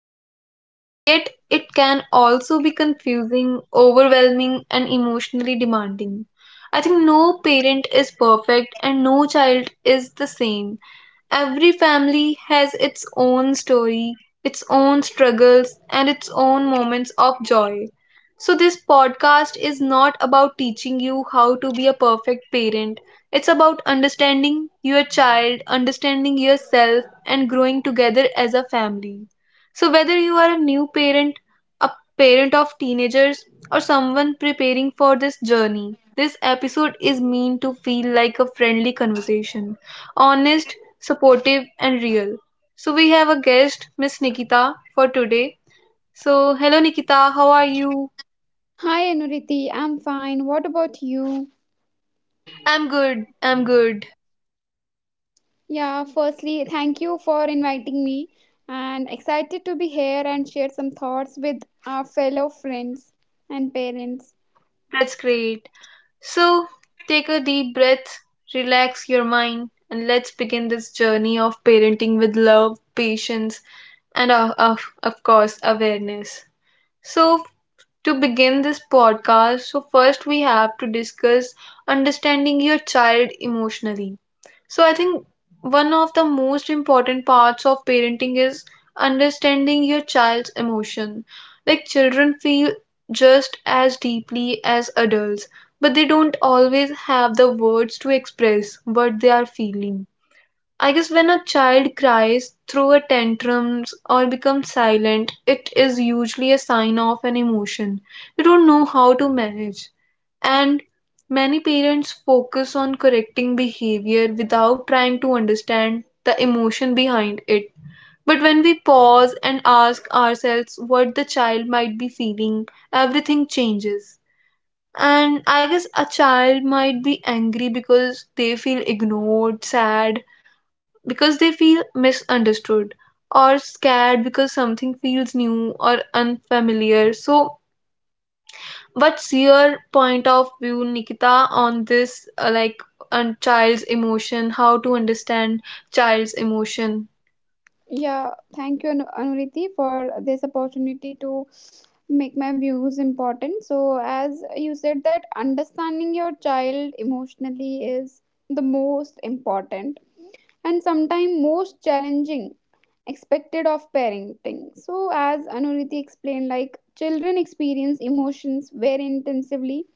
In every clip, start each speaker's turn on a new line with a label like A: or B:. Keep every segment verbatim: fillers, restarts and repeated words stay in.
A: in life. Yet, it can also be confusing, overwhelming, and emotionally demanding. I think no parent is perfect and no child is the same. Every family has its own story, its own struggles, and its own moments of joy. So this podcast is not about teaching you how to be a perfect parent, it's about understanding your child, understanding yourself, and growing together as a family. So, whether you are a new parent, a parent of teenagers, or someone preparing for this journey, this episode is meant to feel like a friendly conversation, honest, supportive, and real. So, we have a guest, Miss Nikita, for today. So, hello Nikita, how are you?
B: Hi Anuriti, I'm fine. What about you?
A: I'm good, I'm good.
B: Yeah, firstly, thank you for inviting me and excited to be here and share some thoughts with our fellow friends and parents.
A: That's great. So, take a deep breath, relax your mind, and let's begin this journey of parenting with love, patience, and, of, of, of course, awareness. So, to begin this podcast, so first we have to discuss understanding your child emotionally. So I think one of the most important parts of parenting is understanding your child's emotion. Like, children feel just as deeply as adults, but they don't always have the words to express what they are feeling. I guess when a child cries, through a tantrum or becomes silent, it is usually a sign of an emotion they don't know how to manage. And many parents focus on correcting behavior without trying to understand the emotion behind it. But when we pause and ask ourselves what the child might be feeling, everything changes. And I guess a child might be angry because they feel ignored, sad because they feel misunderstood, or scared because something feels new or unfamiliar. So, what's your point of view, Nikita, on this uh, like, on child's emotion, how to understand child's emotion?
B: Yeah, thank you Anu- Anuriti for this opportunity to make my views important. So, as you said that understanding your child emotionally is the most important and sometimes most challenging expected of parenting. So as Anuriti explained, like children experience emotions very intensively,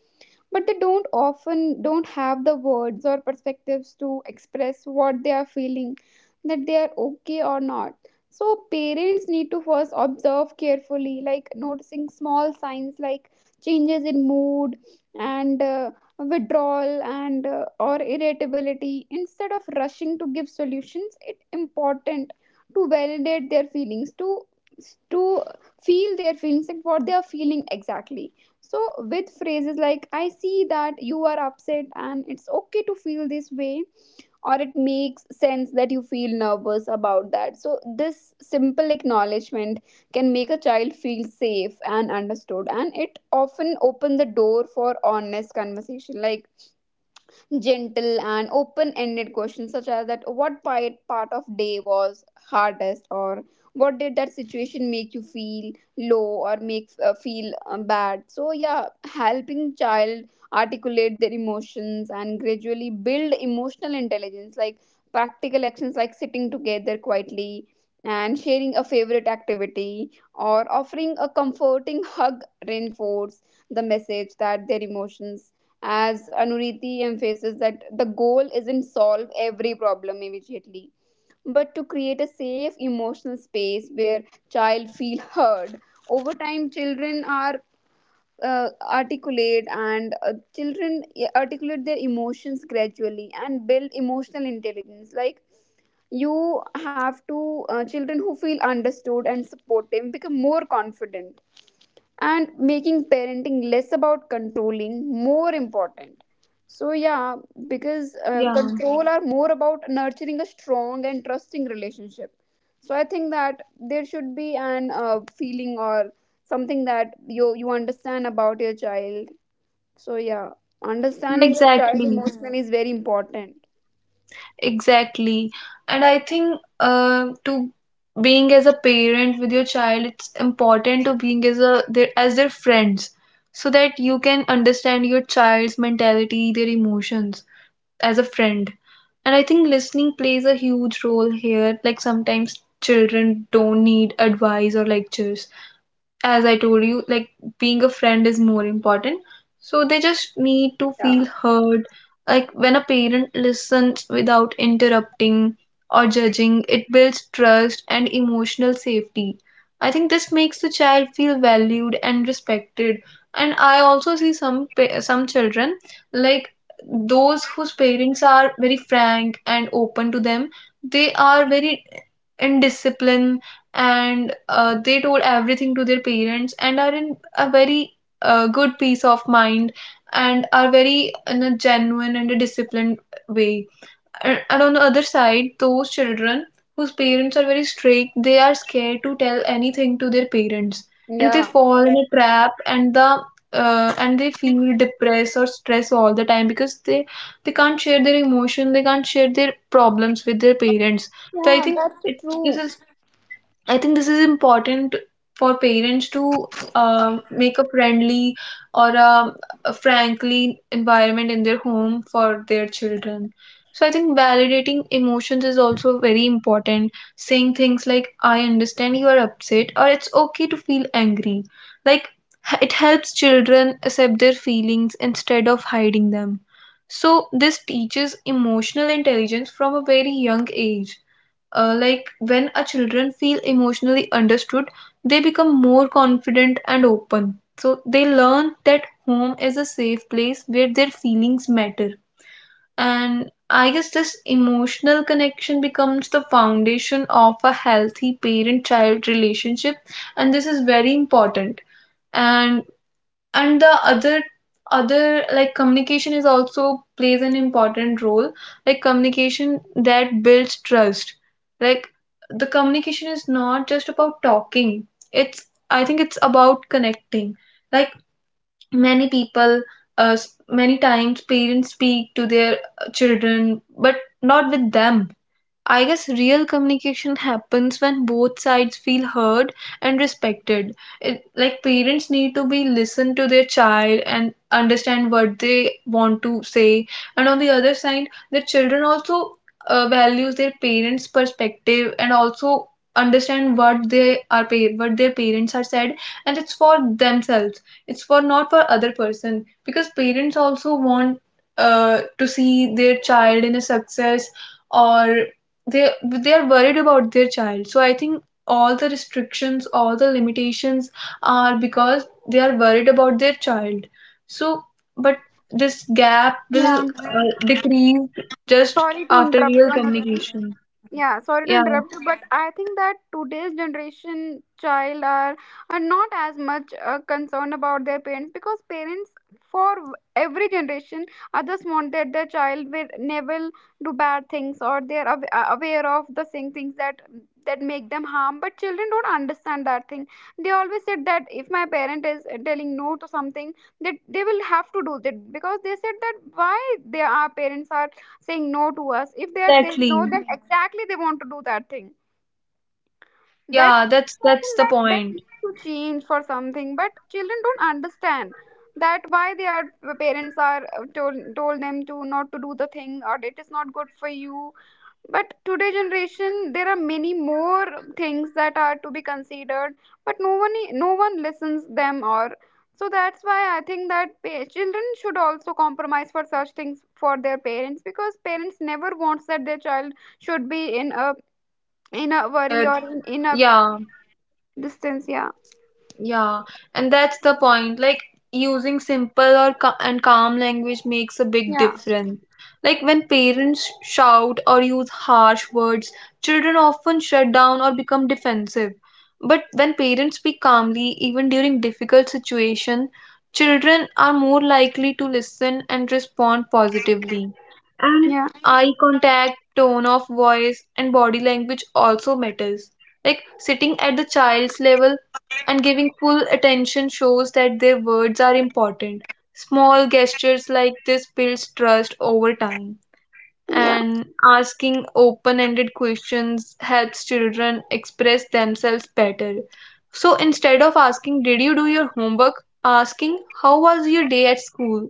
B: but they don't often don't have the words or perspectives to express what they are feeling, that they are okay or not. So parents need to first observe carefully, like noticing small signs like changes in mood and uh, withdrawal, and uh, or irritability. Instead of rushing to give solutions, it's important to validate their feelings to to feel their feelings and what they are feeling exactly. So, with phrases like, "I see that you are upset and it's okay to feel this way," or "it makes sense that you feel nervous about that." So, this simple acknowledgement can make a child feel safe and understood, and it often opens the door for honest conversation. Like, gentle and open-ended questions such as, that what part part of day was hardest, or what did that situation make you feel low or make uh, feel um, bad. So yeah, helping child articulate their emotions and gradually build emotional intelligence, like practical actions like sitting together quietly and sharing a favorite activity or offering a comforting hug reinforce the message that their emotions, as Anuriti emphasizes, that the goal isn't solve every problem immediately, but to create a safe emotional space where child feel heard. Over time, children are uh, articulate and uh, children articulate their emotions gradually and build emotional intelligence. Like you have to, uh, children who feel understood and supportive become more confident, and making parenting less about controlling, more important. So yeah, because uh,
A: Yeah,
B: control are more about nurturing a strong and trusting relationship. So I think that there should be an uh, feeling or something that you you understand about your child. So yeah, understanding your child
A: exactly.
B: emotionally is very important.
A: Exactly. And I think uh, to being as a parent with your child, it's important to being as a their as their friends so that you can understand your child's mentality, their emotions as a friend. And I think listening plays a huge role here. Like, sometimes children don't need advice or lectures, as I told you, like being a friend is more important. So they just need to feel
B: yeah
A: heard. Like when a parent listens without interrupting or judging, it builds trust and emotional safety. I think this makes the child feel valued and respected. And I also see some pa- some children, like those whose parents are very frank and open to them. They are very indisciplined, and uh, they told everything to their parents and are in a very uh, good peace of mind and are very in a genuine and a disciplined way. And, and on the other side, those children whose parents are very strict, they are scared to tell anything to their parents, and they
B: yeah
A: fall in a trap, and the uh, and they feel depressed or stressed all the time because they they can't share their emotion, they can't share their problems with their parents. So I
B: yeah
A: think
B: That's the
A: it, this
B: true.
A: is I think this is important for parents to um make a friendly or a, a frankly environment in their home for their children. So I think validating emotions is also very important. Saying things like "I understand you are upset" or "It's okay to feel angry," like h- it helps children accept their feelings instead of hiding them. So this teaches emotional intelligence from a very young age. Uh, like, when our children feel emotionally understood, they become more confident and open. So they learn that home is a safe place where their feelings matter. And I guess this emotional connection becomes the foundation of a healthy parent child relationship, and this is very important. And and the other other like, communication is also plays an important role. Like, communication that builds trust, like the communication is not just about talking, it's, I think it's about connecting. Like, many people, uh, s- many times parents speak to their uh, children but not with them. I guess real communication happens when both sides feel heard and respected. It, like, parents need to be listen to their child and understand what they want to say, and on the other side, the children also uh, values their parents' perspective and also understand what they are pa- what their parents are said, and it's for themselves, it's for not for other person, because parents also want uh, to see their child in a success, or they they are worried about their child. So I think all the restrictions, all the limitations are because they are worried about their child. So, but this gap will
B: Yeah,
A: uh, decrease just
B: sorry to
A: after
B: interrupt you,
A: real
B: another.
A: communication.
B: Yeah, sorry to
A: Yeah,
B: interrupt you, but I think that today's generation child are are not as much uh, concerned about their parents, because parents for every generation, others want that their child will never do bad things, or they are aw- uh, aware of the same things that that make them harm. But children don't understand that thing. They always said that if my parent is telling no to something, that they will have to do that, because they said that why they our parents are saying no to us.
A: yeah,
B: If they are saying
A: exactly.
B: no, then, mhm, exactly, they want to do that thing. That
A: Yeah, that's
B: I
A: that's
B: think
A: the
B: that that
A: point.
B: needs to change for something, but children don't understand that why their parents are uh, told told them to not to do the thing or it is not good for you. But today generation there are many more things that are to be considered, but no one e, no one listens them or. So that's why I think that pa- children should also compromise for such things for their parents, because parents never wants that their child should be in a in a worry
A: Danger.
B: or in, in a
A: Yeah.
B: distance. Yeah.
A: Yeah, and that's the point. Like, using simple or ca- and calm language makes a big
B: Yeah.
A: difference. Like when parents shout or use harsh words, children often shut down or become defensive. But when parents speak calmly, even during difficult situations, children are more likely to listen and respond positively. And
B: Yeah.
A: eye contact, tone of voice, and body language also matters. Like sitting at the child's level and giving full attention shows that their words are important. Small gestures like this builds trust over time.
B: Yeah.
A: And asking open ended questions helps children express themselves better. So instead of asking, "Did you do your homework?" asking, "How was your day at school?"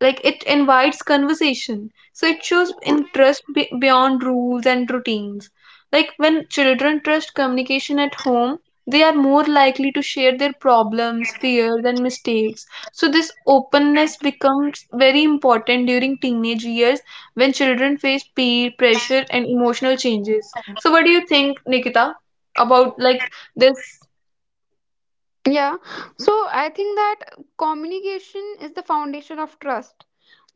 A: like, it invites conversation, so it shows interest be- beyond rules and routines. Like when children trust communication at home, they are more likely to share their problems, fears, and mistakes. So this openness becomes very important during teenage years when children face peer pressure and emotional changes. So what do you think, Nikita, about, like, this?
B: Yeah. So I think that communication is the foundation of trust,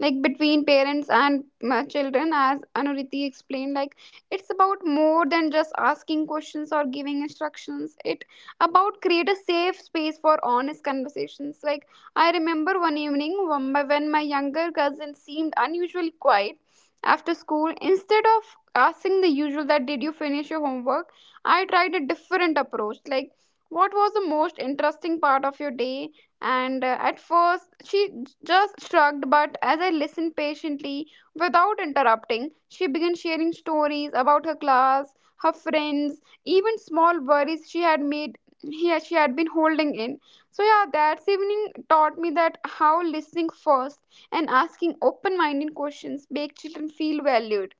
B: like between parents and uh, children. As Anuriti explained, like it's about more than just asking questions or giving instructions, it about create a safe space for honest conversations. Like I remember one evening when my when my younger cousin seemed unusually quiet after school. Instead of asking the usual, that did you finish your homework, I tried a different approach, like what was the most interesting part of your day. And uh, at first, she j- just shrugged, but as I listened patiently without interrupting, she began sharing stories about her class, her friends, even small worries she had made here she had been holding in. So yeah, that evening taught me that how listening first and asking open-minded questions make children feel valued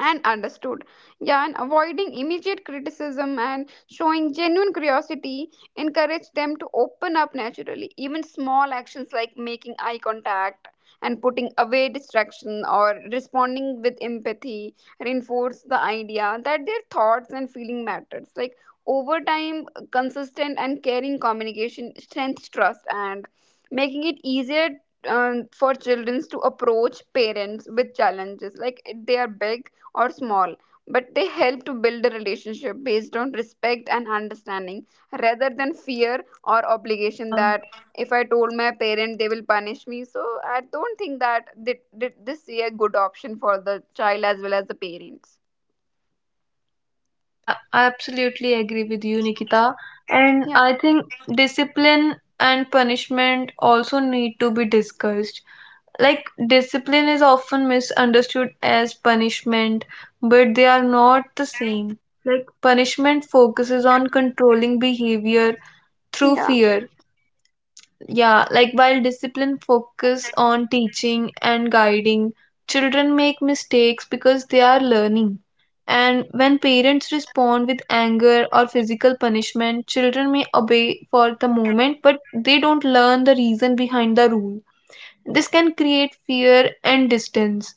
B: and understood. Yeah, and avoiding immediate criticism and showing genuine curiosity encourage them to open up naturally. Even small actions like making eye contact and putting away distraction or responding with empathy reinforce the idea that their thoughts and feeling matters. Like over time, consistent and caring communication strengthens trust and making it easier um, for children to approach parents with challenges, like if they are big or small, but they help to build a relationship based on respect and understanding rather than fear or obligation,
A: Yeah.
B: that if I told my parent they will punish me. So I don't think that thi- thi- this is a good option for the child as well as the parents.
A: Yeah, I absolutely agree with you, Nikita. And
B: Yeah.
A: I think discipline and punishment also need to be discussed. Like, discipline is often misunderstood as punishment, but they are not the same. Like, punishment focuses on controlling behavior through
B: Yeah.
A: fear, yeah, like, while discipline focus on teaching and guiding, children make mistakes because they are learning. And when parents respond with anger or physical punishment, children may obey for the moment, but they don't learn the reason behind the rule. This can create fear and distance.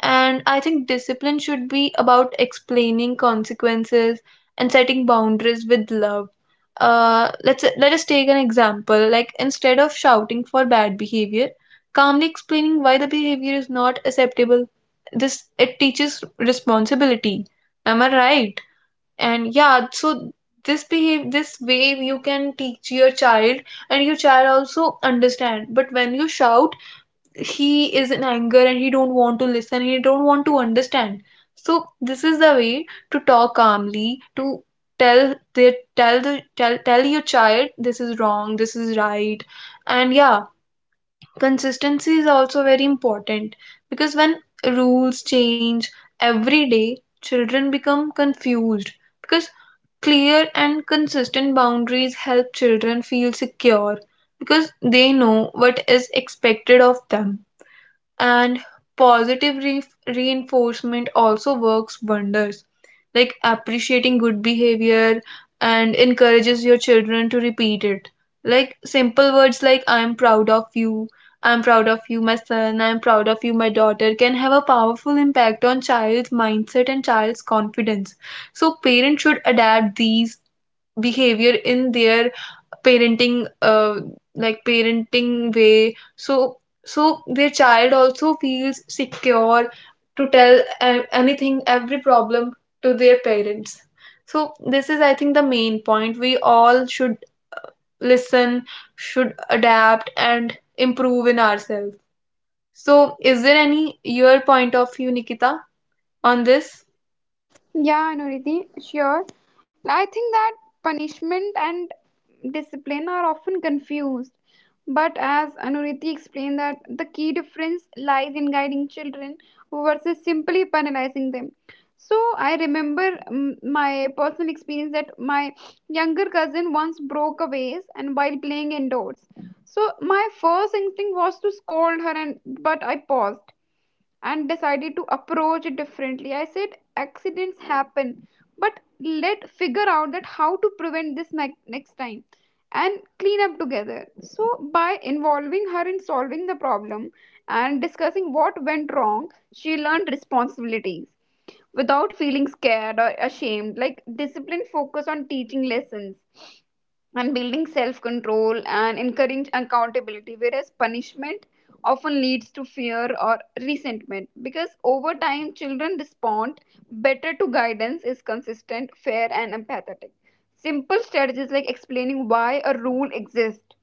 A: And I think discipline should be about explaining consequences and setting boundaries with love. Uh, let's let us take an example. Like, instead of shouting for bad behavior, calmly explaining why the behavior is not acceptable. This it teaches responsibility. Am I right? And yeah, so this behave this way you can teach your child, and your child also understand. But when you shout, he is in anger and he don't want to listen, he don't want to understand. So this is the way to talk calmly, to tell the tell the tell, tell your child this is wrong, this is right. And yeah, consistency is also very important because when rules change every day, children become confused, because clear and consistent boundaries help children feel secure because they know what is expected of them. And positive re- reinforcement also works wonders. Like, appreciating good behavior and encourages your children to repeat it. Like, simple words like, "I am proud of you," "I am proud of you, my son," "I am proud of you, my daughter," can have a powerful impact on child's mindset and child's confidence. So parents should adapt these behavior in their parenting, uh, like parenting way, so, so their child also feels secure to tell uh, anything, every problem, to their parents. So this is, I think, the main point we all should listen, should adapt, and improve in ourselves. So, is there any your point of view, Nikita, on this?
B: Yeah, Nuriti, sure. I think that punishment and discipline are often confused. But as Anuriti explained, that the key difference lies in guiding children versus simply penalizing them. So I remember, um, my personal experience, that my younger cousin once broke a vase and while playing indoors. So my first instinct was to scold her, and but I paused and decided to approach it differently. I said, accidents happen, but let figure out that how to prevent this ne- next time and clean up together. So by involving her in solving the problem and discussing what went wrong, she learned responsibilities without feeling scared or ashamed. Like discipline focus on teaching lessons and building self control and encourage accountability, whereas punishment often leads to fear or resentment. Because over time children respond better to guidance is consistent, fair and empathetic. Simple strategies like explaining why a rule exists,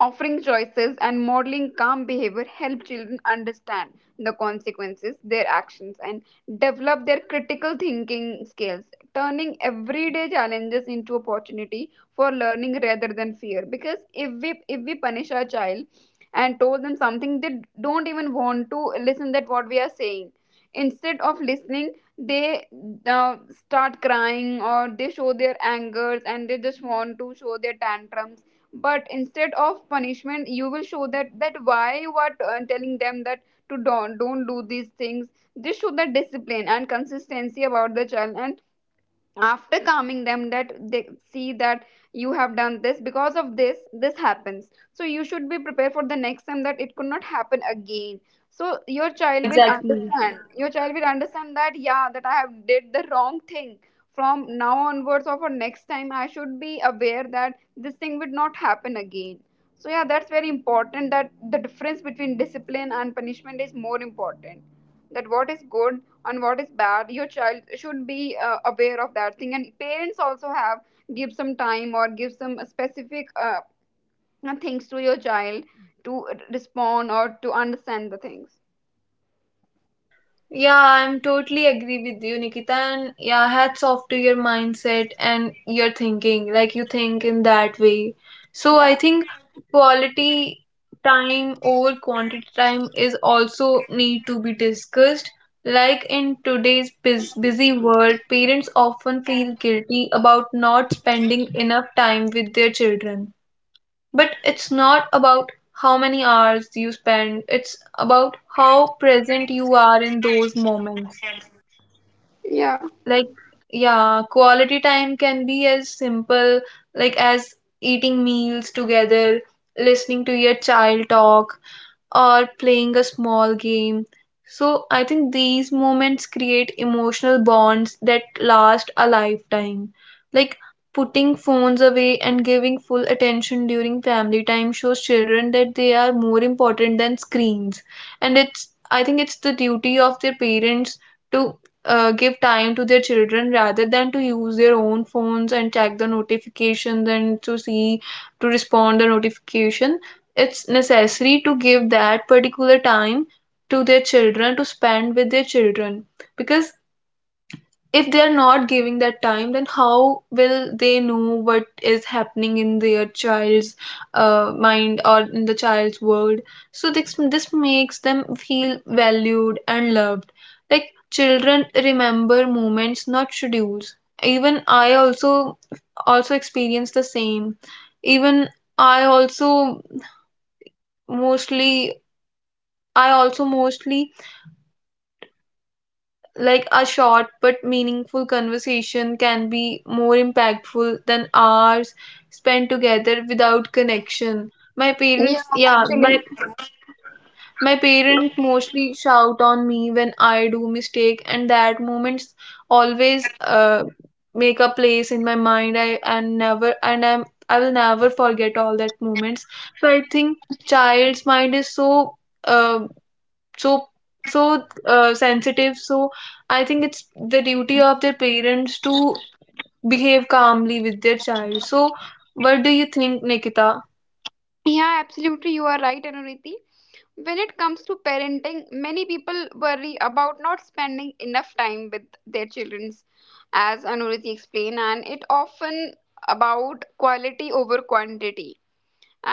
B: offering choices and modeling calm behavior help children understand the consequences, their actions, and develop their critical thinking skills, turning everyday challenges into opportunity for learning rather than fear. Because if we if we punish our child and told them something, they don't even want to listen that what we are saying. Instead of listening, they uh, start crying or they show their angers and they just want to show their tantrums. But instead of punishment, you will show that that why you are uh, telling them that to don't don't do these things. Just show the discipline and consistency about the child, and after calming them, that they see that you have done this because of this this happens, so you should be prepared for the next time that it could not happen again. So your child will understand your child will understand that yeah, that I have did the wrong thing from now onwards, or for next time I should be aware that this thing would not happen again. So yeah, that's very important that the difference between discipline and punishment is more important, that what is good and what is bad your child should be uh, aware of that thing, and parents also have give some time or give some specific uh, things to your child to respond or to understand the things.
A: Yeah, I'm totally agree with you, Nikita. And yeah, hats off to your mindset and your thinking. Like, you think in that way. So
B: Yeah.
A: I think quality time over quantity time is also need to be discussed. Like, in today's bus busy world, parents often feel guilty about not spending enough time with their children. But it's not about how many hours you spend, it's about how present you are in those moments.
B: Yeah.
A: Like, yeah, quality time can be as simple, like as eating meals together, listening to your child talk, or playing a small game. So I think these moments create emotional bonds that last a lifetime. Like, putting phones away and giving full attention during family time shows children that they are more important than screens. And it's I think it's the duty of their parents to uh, give time to their children rather than to use their own phones and check the notifications and to see to respond the notification. It's necessary to give that particular time to their children to spend with their children, because if they are not giving that time, then how will they know what is happening in their child's uh, mind or in the child's world? So this this makes them feel valued and loved. Like, children remember moments, not schedules. Even I also Also experience the same. Even I also mostly I also mostly, like, a short but meaningful conversation can be more impactful than hours spent together without connection. My
B: Yeah,
A: parents, yeah, my
B: actually.
A: my parents mostly shout on me when I do mistake, and that moments always uh, make a place in my mind. I and never and I'm I will never forget all that moments. So I think child's mind is so uh. so so uh, sensitive. So I think it's the duty of their parents to behave calmly with their child. So what do you think, Nikita?
B: Yeah, absolutely you are right, Anuriti. When it comes to parenting, many people worry about not spending enough time with their children. As Anuriti explained, and it often about quality over quantity.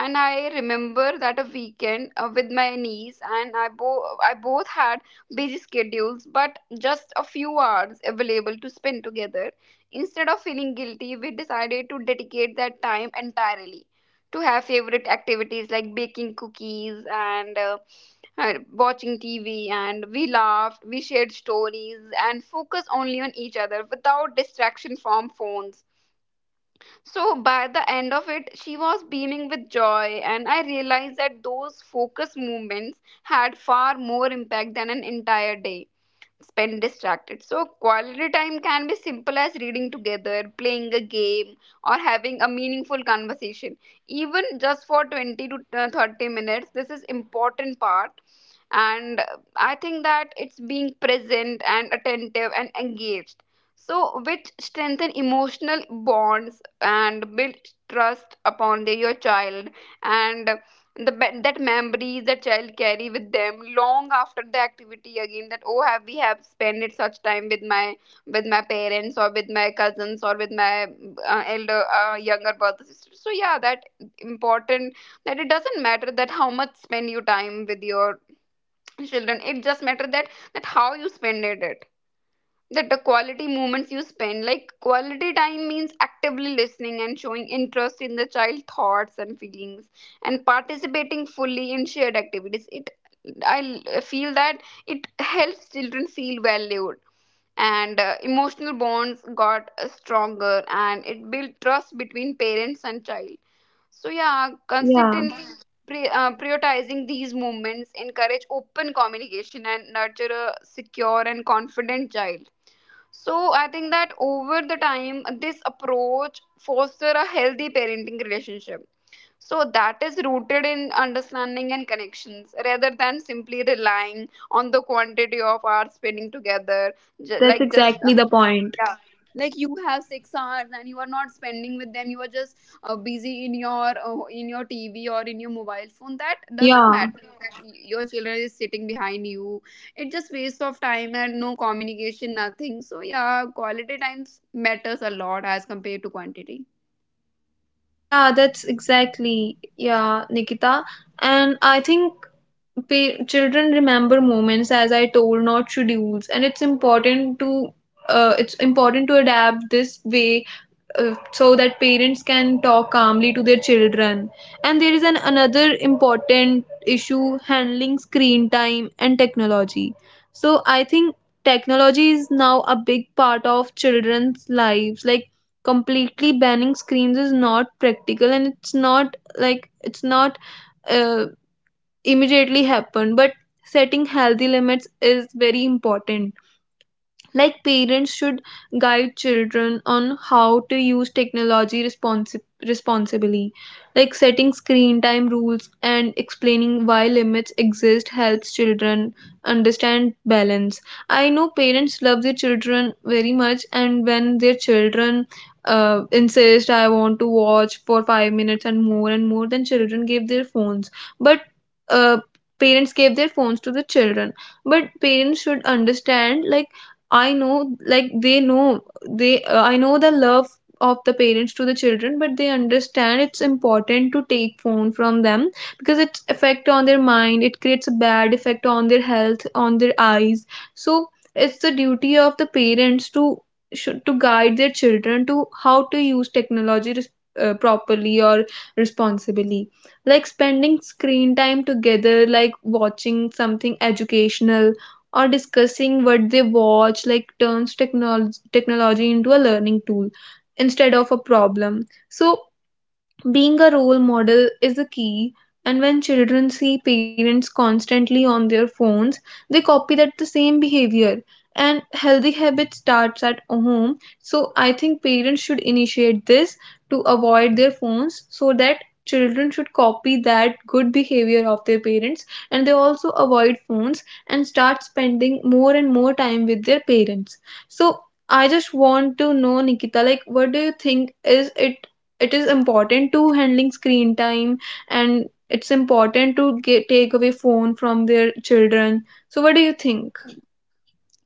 B: And I remember that a weekend uh, with my niece, and I bo- I both had busy schedules but just a few hours available to spend together. Instead of feeling guilty, we decided to dedicate that time entirely to have favorite activities like baking cookies and uh, uh, watching T V, and we laughed, we shared stories and focused only on each other without distraction from phones. So by the end of it, she was beaming with joy, and I realized that those focus movements had far more impact than an entire day spend distracted. So, quality time can be simple as reading together, playing a game, or having a meaningful conversation. Even just for twenty to uh, thirty minutes, this is important part. And uh, I think that it's being present and attentive and engaged. So, which strengthen emotional bonds and build trust upon the, your child and the me- that memories that child carry with them long after the activity. Again, that oh have we have spent such time with my with my parents or with my cousins or with my uh, elder uh, younger brother sister. So yeah, that important, that it doesn't matter that how much spend you time with your children, it just matter that that how you spend it, that the quality moments you spend. Like, quality time means actively listening and showing interest in the child thoughts and feelings and participating fully in shared activities. it i l- feel that it helps children feel valued and uh, emotional bonds got uh, stronger, and it built trust between parents and child. So yeah,
A: Yeah,
B: consistently pri- uh, prioritizing these moments encourage open communication and nurture a secure and confident child. So I think that over the time, this approach foster a healthy parenting relationship. So that is rooted in understanding and connections rather than simply relying on the quantity of hours spending together.
A: that
B: Ju-
A: that's
B: Like just uh,
A: exactly the point.
B: Yeah, like you have six hours and you are not spending with them, you are just uh, busy in your uh, in your tv or in your mobile phone. That doesn't
A: Yeah.
B: matter that y- your children is sitting behind you, it's just waste of time and no communication, nothing. So yeah, quality times matters a lot as compared to quantity.
A: Yeah, that's exactly. Yeah, Nikita. And I think pa- children remember moments, as I told, not schedules, and it's important to uh, it's important to adapt this way, uh, so that parents can talk calmly to their children. And there is an another important issue, handling screen time and technology. So I think technology is now a big part of children's lives. Like, completely banning screens is not practical, and it's not, like it's not, uh, immediately happen, but setting healthy limits is very important. Like, parents should guide children on how to use technology responsi- responsibly. Like setting screen time rules and explaining why limits exist helps children understand balance. I know parents love their children very much, and when their children uh, insist, I want to watch for five minutes and more and more, then children give their phones. But uh, parents gave their phones to the children, but parents should understand, like, I know, like they know, they uh, I know the love of the parents to the children, but they understand it's important to take phone from them, because it's effect on their mind. It creates a bad effect on their health, on their eyes. So it's the duty of the parents to should to guide their children to how to use technology res- uh, properly or responsibly, like spending screen time together, like watching something educational or discussing what they watch, like turns technology technology into a learning tool instead of a problem. So being a role model is a key, and when children see parents constantly on their phones, they copy that the same behavior. And healthy habit starts at home. So I think parents should initiate this to avoid their phones so that children should copy that good behavior of their parents, and they also avoid phones and start spending more and more time with their parents. So I just want to know, Nikita, like, what do you think, is it it is important to handling screen time, and it's important to get, take away phone from their children? So what do you think?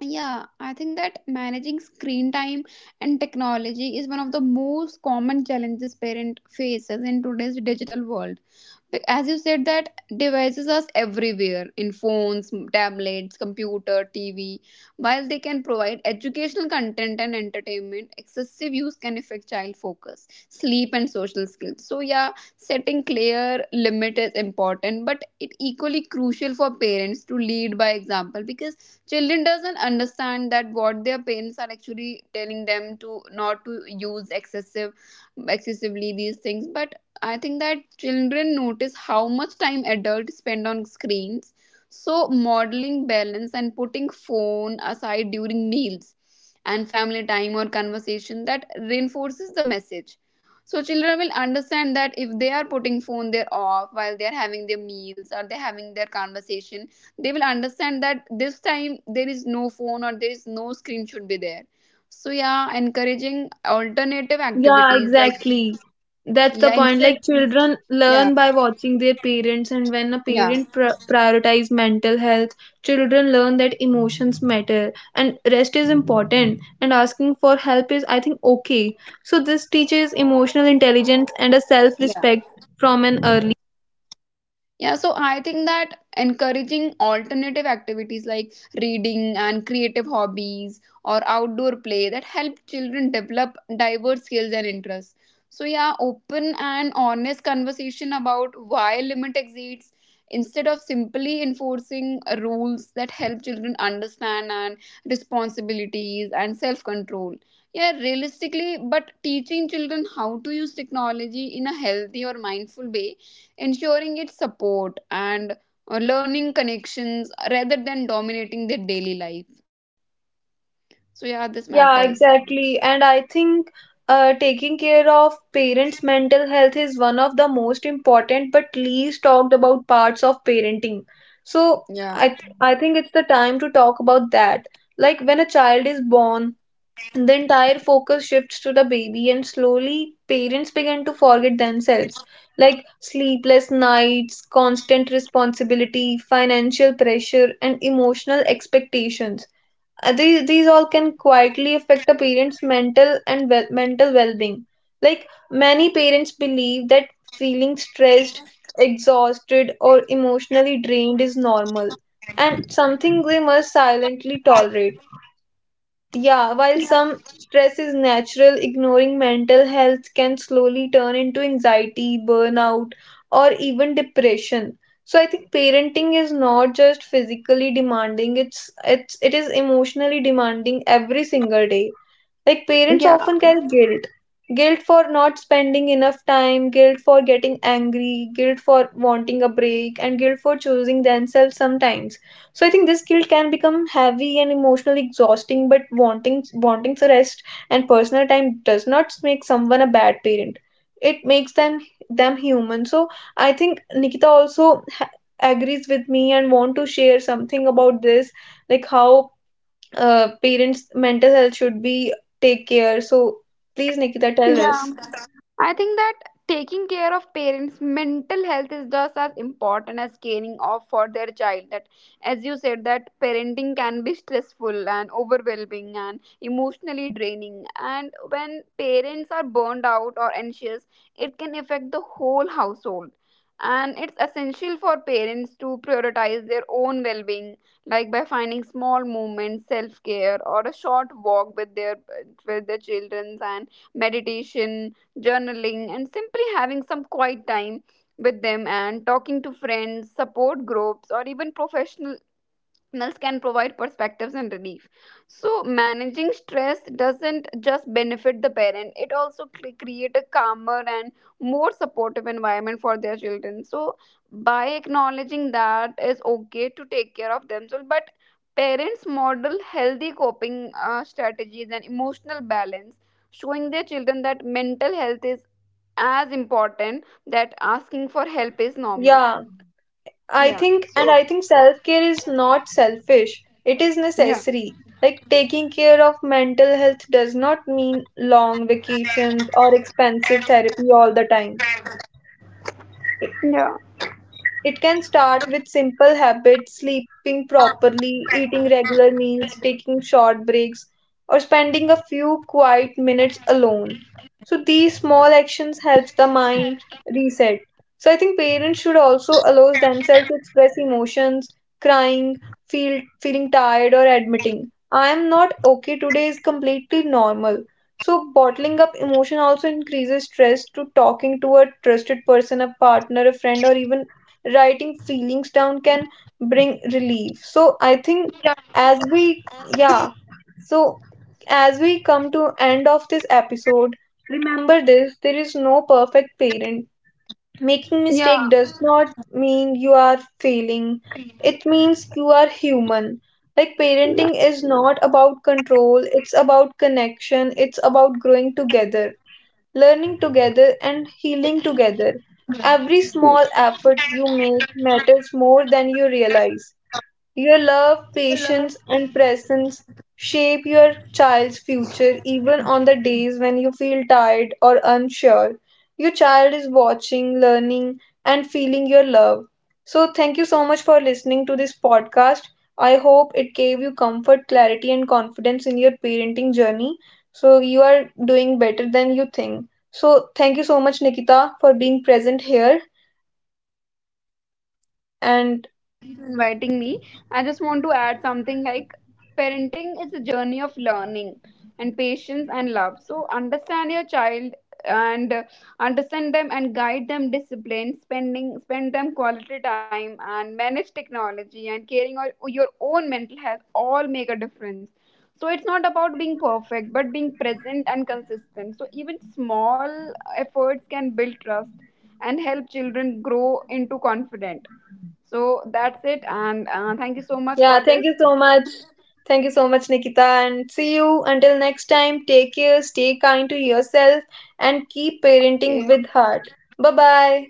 B: Yeah, I think that managing screen time and technology is one of the most common challenges parent faces in today's digital world. Like, as you said, that devices are everywhere, in phones, tablets, computer, tv. While they can provide educational content and entertainment, excessive use can affect child focus, sleep and social skills. So yeah, setting clear limit is important, but it equally crucial for parents to lead by example, because children doesn't understand that what their parents are actually telling them to not to use excessive excessively these things. But I think that children notice how much time adults spend on screens. So, modeling balance and putting phone aside during meals and family time or conversation, that reinforces the message. So, children will understand that if they are putting phone there off while they are having their meals or they're having their conversation, they will understand that this time there is no phone or there is no screen should be there. So, yeah, encouraging alternative
A: Yeah,
B: activities like,
A: exactly. That's the
B: yeah,
A: point,
B: instead.
A: like children
B: Yeah
A: learn by watching their parents, and when a
B: Yeah,
A: parent pr- prioritize mental health, children learn that emotions matter and rest is important, and asking for help is, I think, okay. So this teaches emotional intelligence and a self
B: yeah,
A: respect from an early.
B: yeah. So I think that encouraging alternative activities like reading and creative hobbies or outdoor play, that help children develop diverse skills and interests. So yeah, open and honest conversation about why limit exists, instead of simply enforcing rules, that help children understand and responsibilities and self-control. Yeah, realistically, but teaching children how to use technology in a healthy or mindful way, ensuring its support and uh, learning connections rather than dominating their daily life. So yeah, this matters.
A: Yeah, exactly. And I think uh, taking care of parents' mental health is one of the most important but least talked about parts of parenting. So
B: Yeah.
A: I th I think it's the time to talk about that. Like when a child is born, the entire focus shifts to the baby, and slowly parents begin to forget themselves. Like sleepless nights, constant responsibility, financial pressure, and emotional expectations. Uh, these these all can quietly affect a parent's mental and well, mental well-being. Like many parents believe that feeling stressed, exhausted, or emotionally drained is normal and something they must silently tolerate. Yeah, while some stress is natural, ignoring mental health can slowly turn into anxiety, burnout, or even depression. So I think parenting is not just physically demanding, it's it's it is emotionally demanding every single day. Like parents
B: Yeah.
A: often carry guilt. Guilt for not spending enough time, guilt for getting angry, guilt for wanting a break, and guilt for choosing themselves sometimes. So I think this guilt can become heavy and emotionally exhausting, but wanting wanting to rest and personal time does not make someone a bad parent. It makes them them human. So I think Nikita also ha- agrees with me and want to share something about this, like how uh, parents' mental health should be take care. So please, Nikita, tell
B: Yeah,
A: us.
B: I think that taking care of parents' mental health is just as important as caring of for their child. That, as you said, that parenting can be stressful and overwhelming and emotionally draining. And when parents are burned out or anxious, it can affect the whole household. And it's essential for parents to prioritize their own well being, like by finding small moments, self care, or a short walk with their with their children, and meditation, journaling, and simply having some quiet time with them, and talking to friends, support groups, or even professional professionals can provide perspectives and relief. So, managing stress doesn't just benefit the parent, it also cre- create a calmer and more supportive environment for their children. So, by acknowledging that it's okay to take care of themselves, but parents model healthy coping uh, strategies and emotional balance, showing their children that mental health is as important, that asking for help is normal.
A: Yeah, I
B: Yeah,
A: think, and I think self care is not selfish. It is
B: yeah,
A: necessary. Like taking care of mental health does not mean long vacations or expensive therapy all the time.
B: yeah,
A: It can start with simple habits, sleeping properly, eating regular meals, taking short breaks, or spending a few quiet minutes alone. So these small actions helps the mind reset. So I think parents should also allow themselves to express emotions, crying, feel feeling tired, or admitting I am not okay today is completely normal. So bottling up emotion also increases stress to talking to a trusted person, a partner, a friend, or even writing feelings down can bring relief. So I think
B: yeah,
A: as we yeah, so as we come to end of this episode, remember this, there is no perfect parent. Making
B: yeah.
A: mistake does not mean you are failing. It means you are human. Like parenting is not about control, it's about connection, it's about growing together, learning together, and healing together. Every small effort you make matters more than you realize. Your love, patience, and presence shape your child's future even on the days when you feel tired or unsure. Your child is watching, learning, and feeling your love. So, thank you so much for listening to this podcast. I hope it gave you comfort, clarity, and confidence in your parenting journey. So, you are doing better than you think. So, thank you so much, Nikita, for being present here.
B: Uh, Thank you,
A: And
B: Nuriji, for inviting me. I just want to add something like parenting is a journey of learning and patience and love. So understand your child and uh, understand them and guide them, discipline, spending spend them quality time and manage technology and caring or your own mental health, all make a difference. So it's not about being perfect, but being present and consistent. So even small efforts can build trust and help children grow into confident. So that's it, and uh, thank you so much
A: yeah,
B: for
A: thank
B: this.
A: you so much. Thank you so much, Nikita. And see you until next time. Take care, stay kind to yourself, and keep parenting with
B: Okay.
A: heart. Bye bye.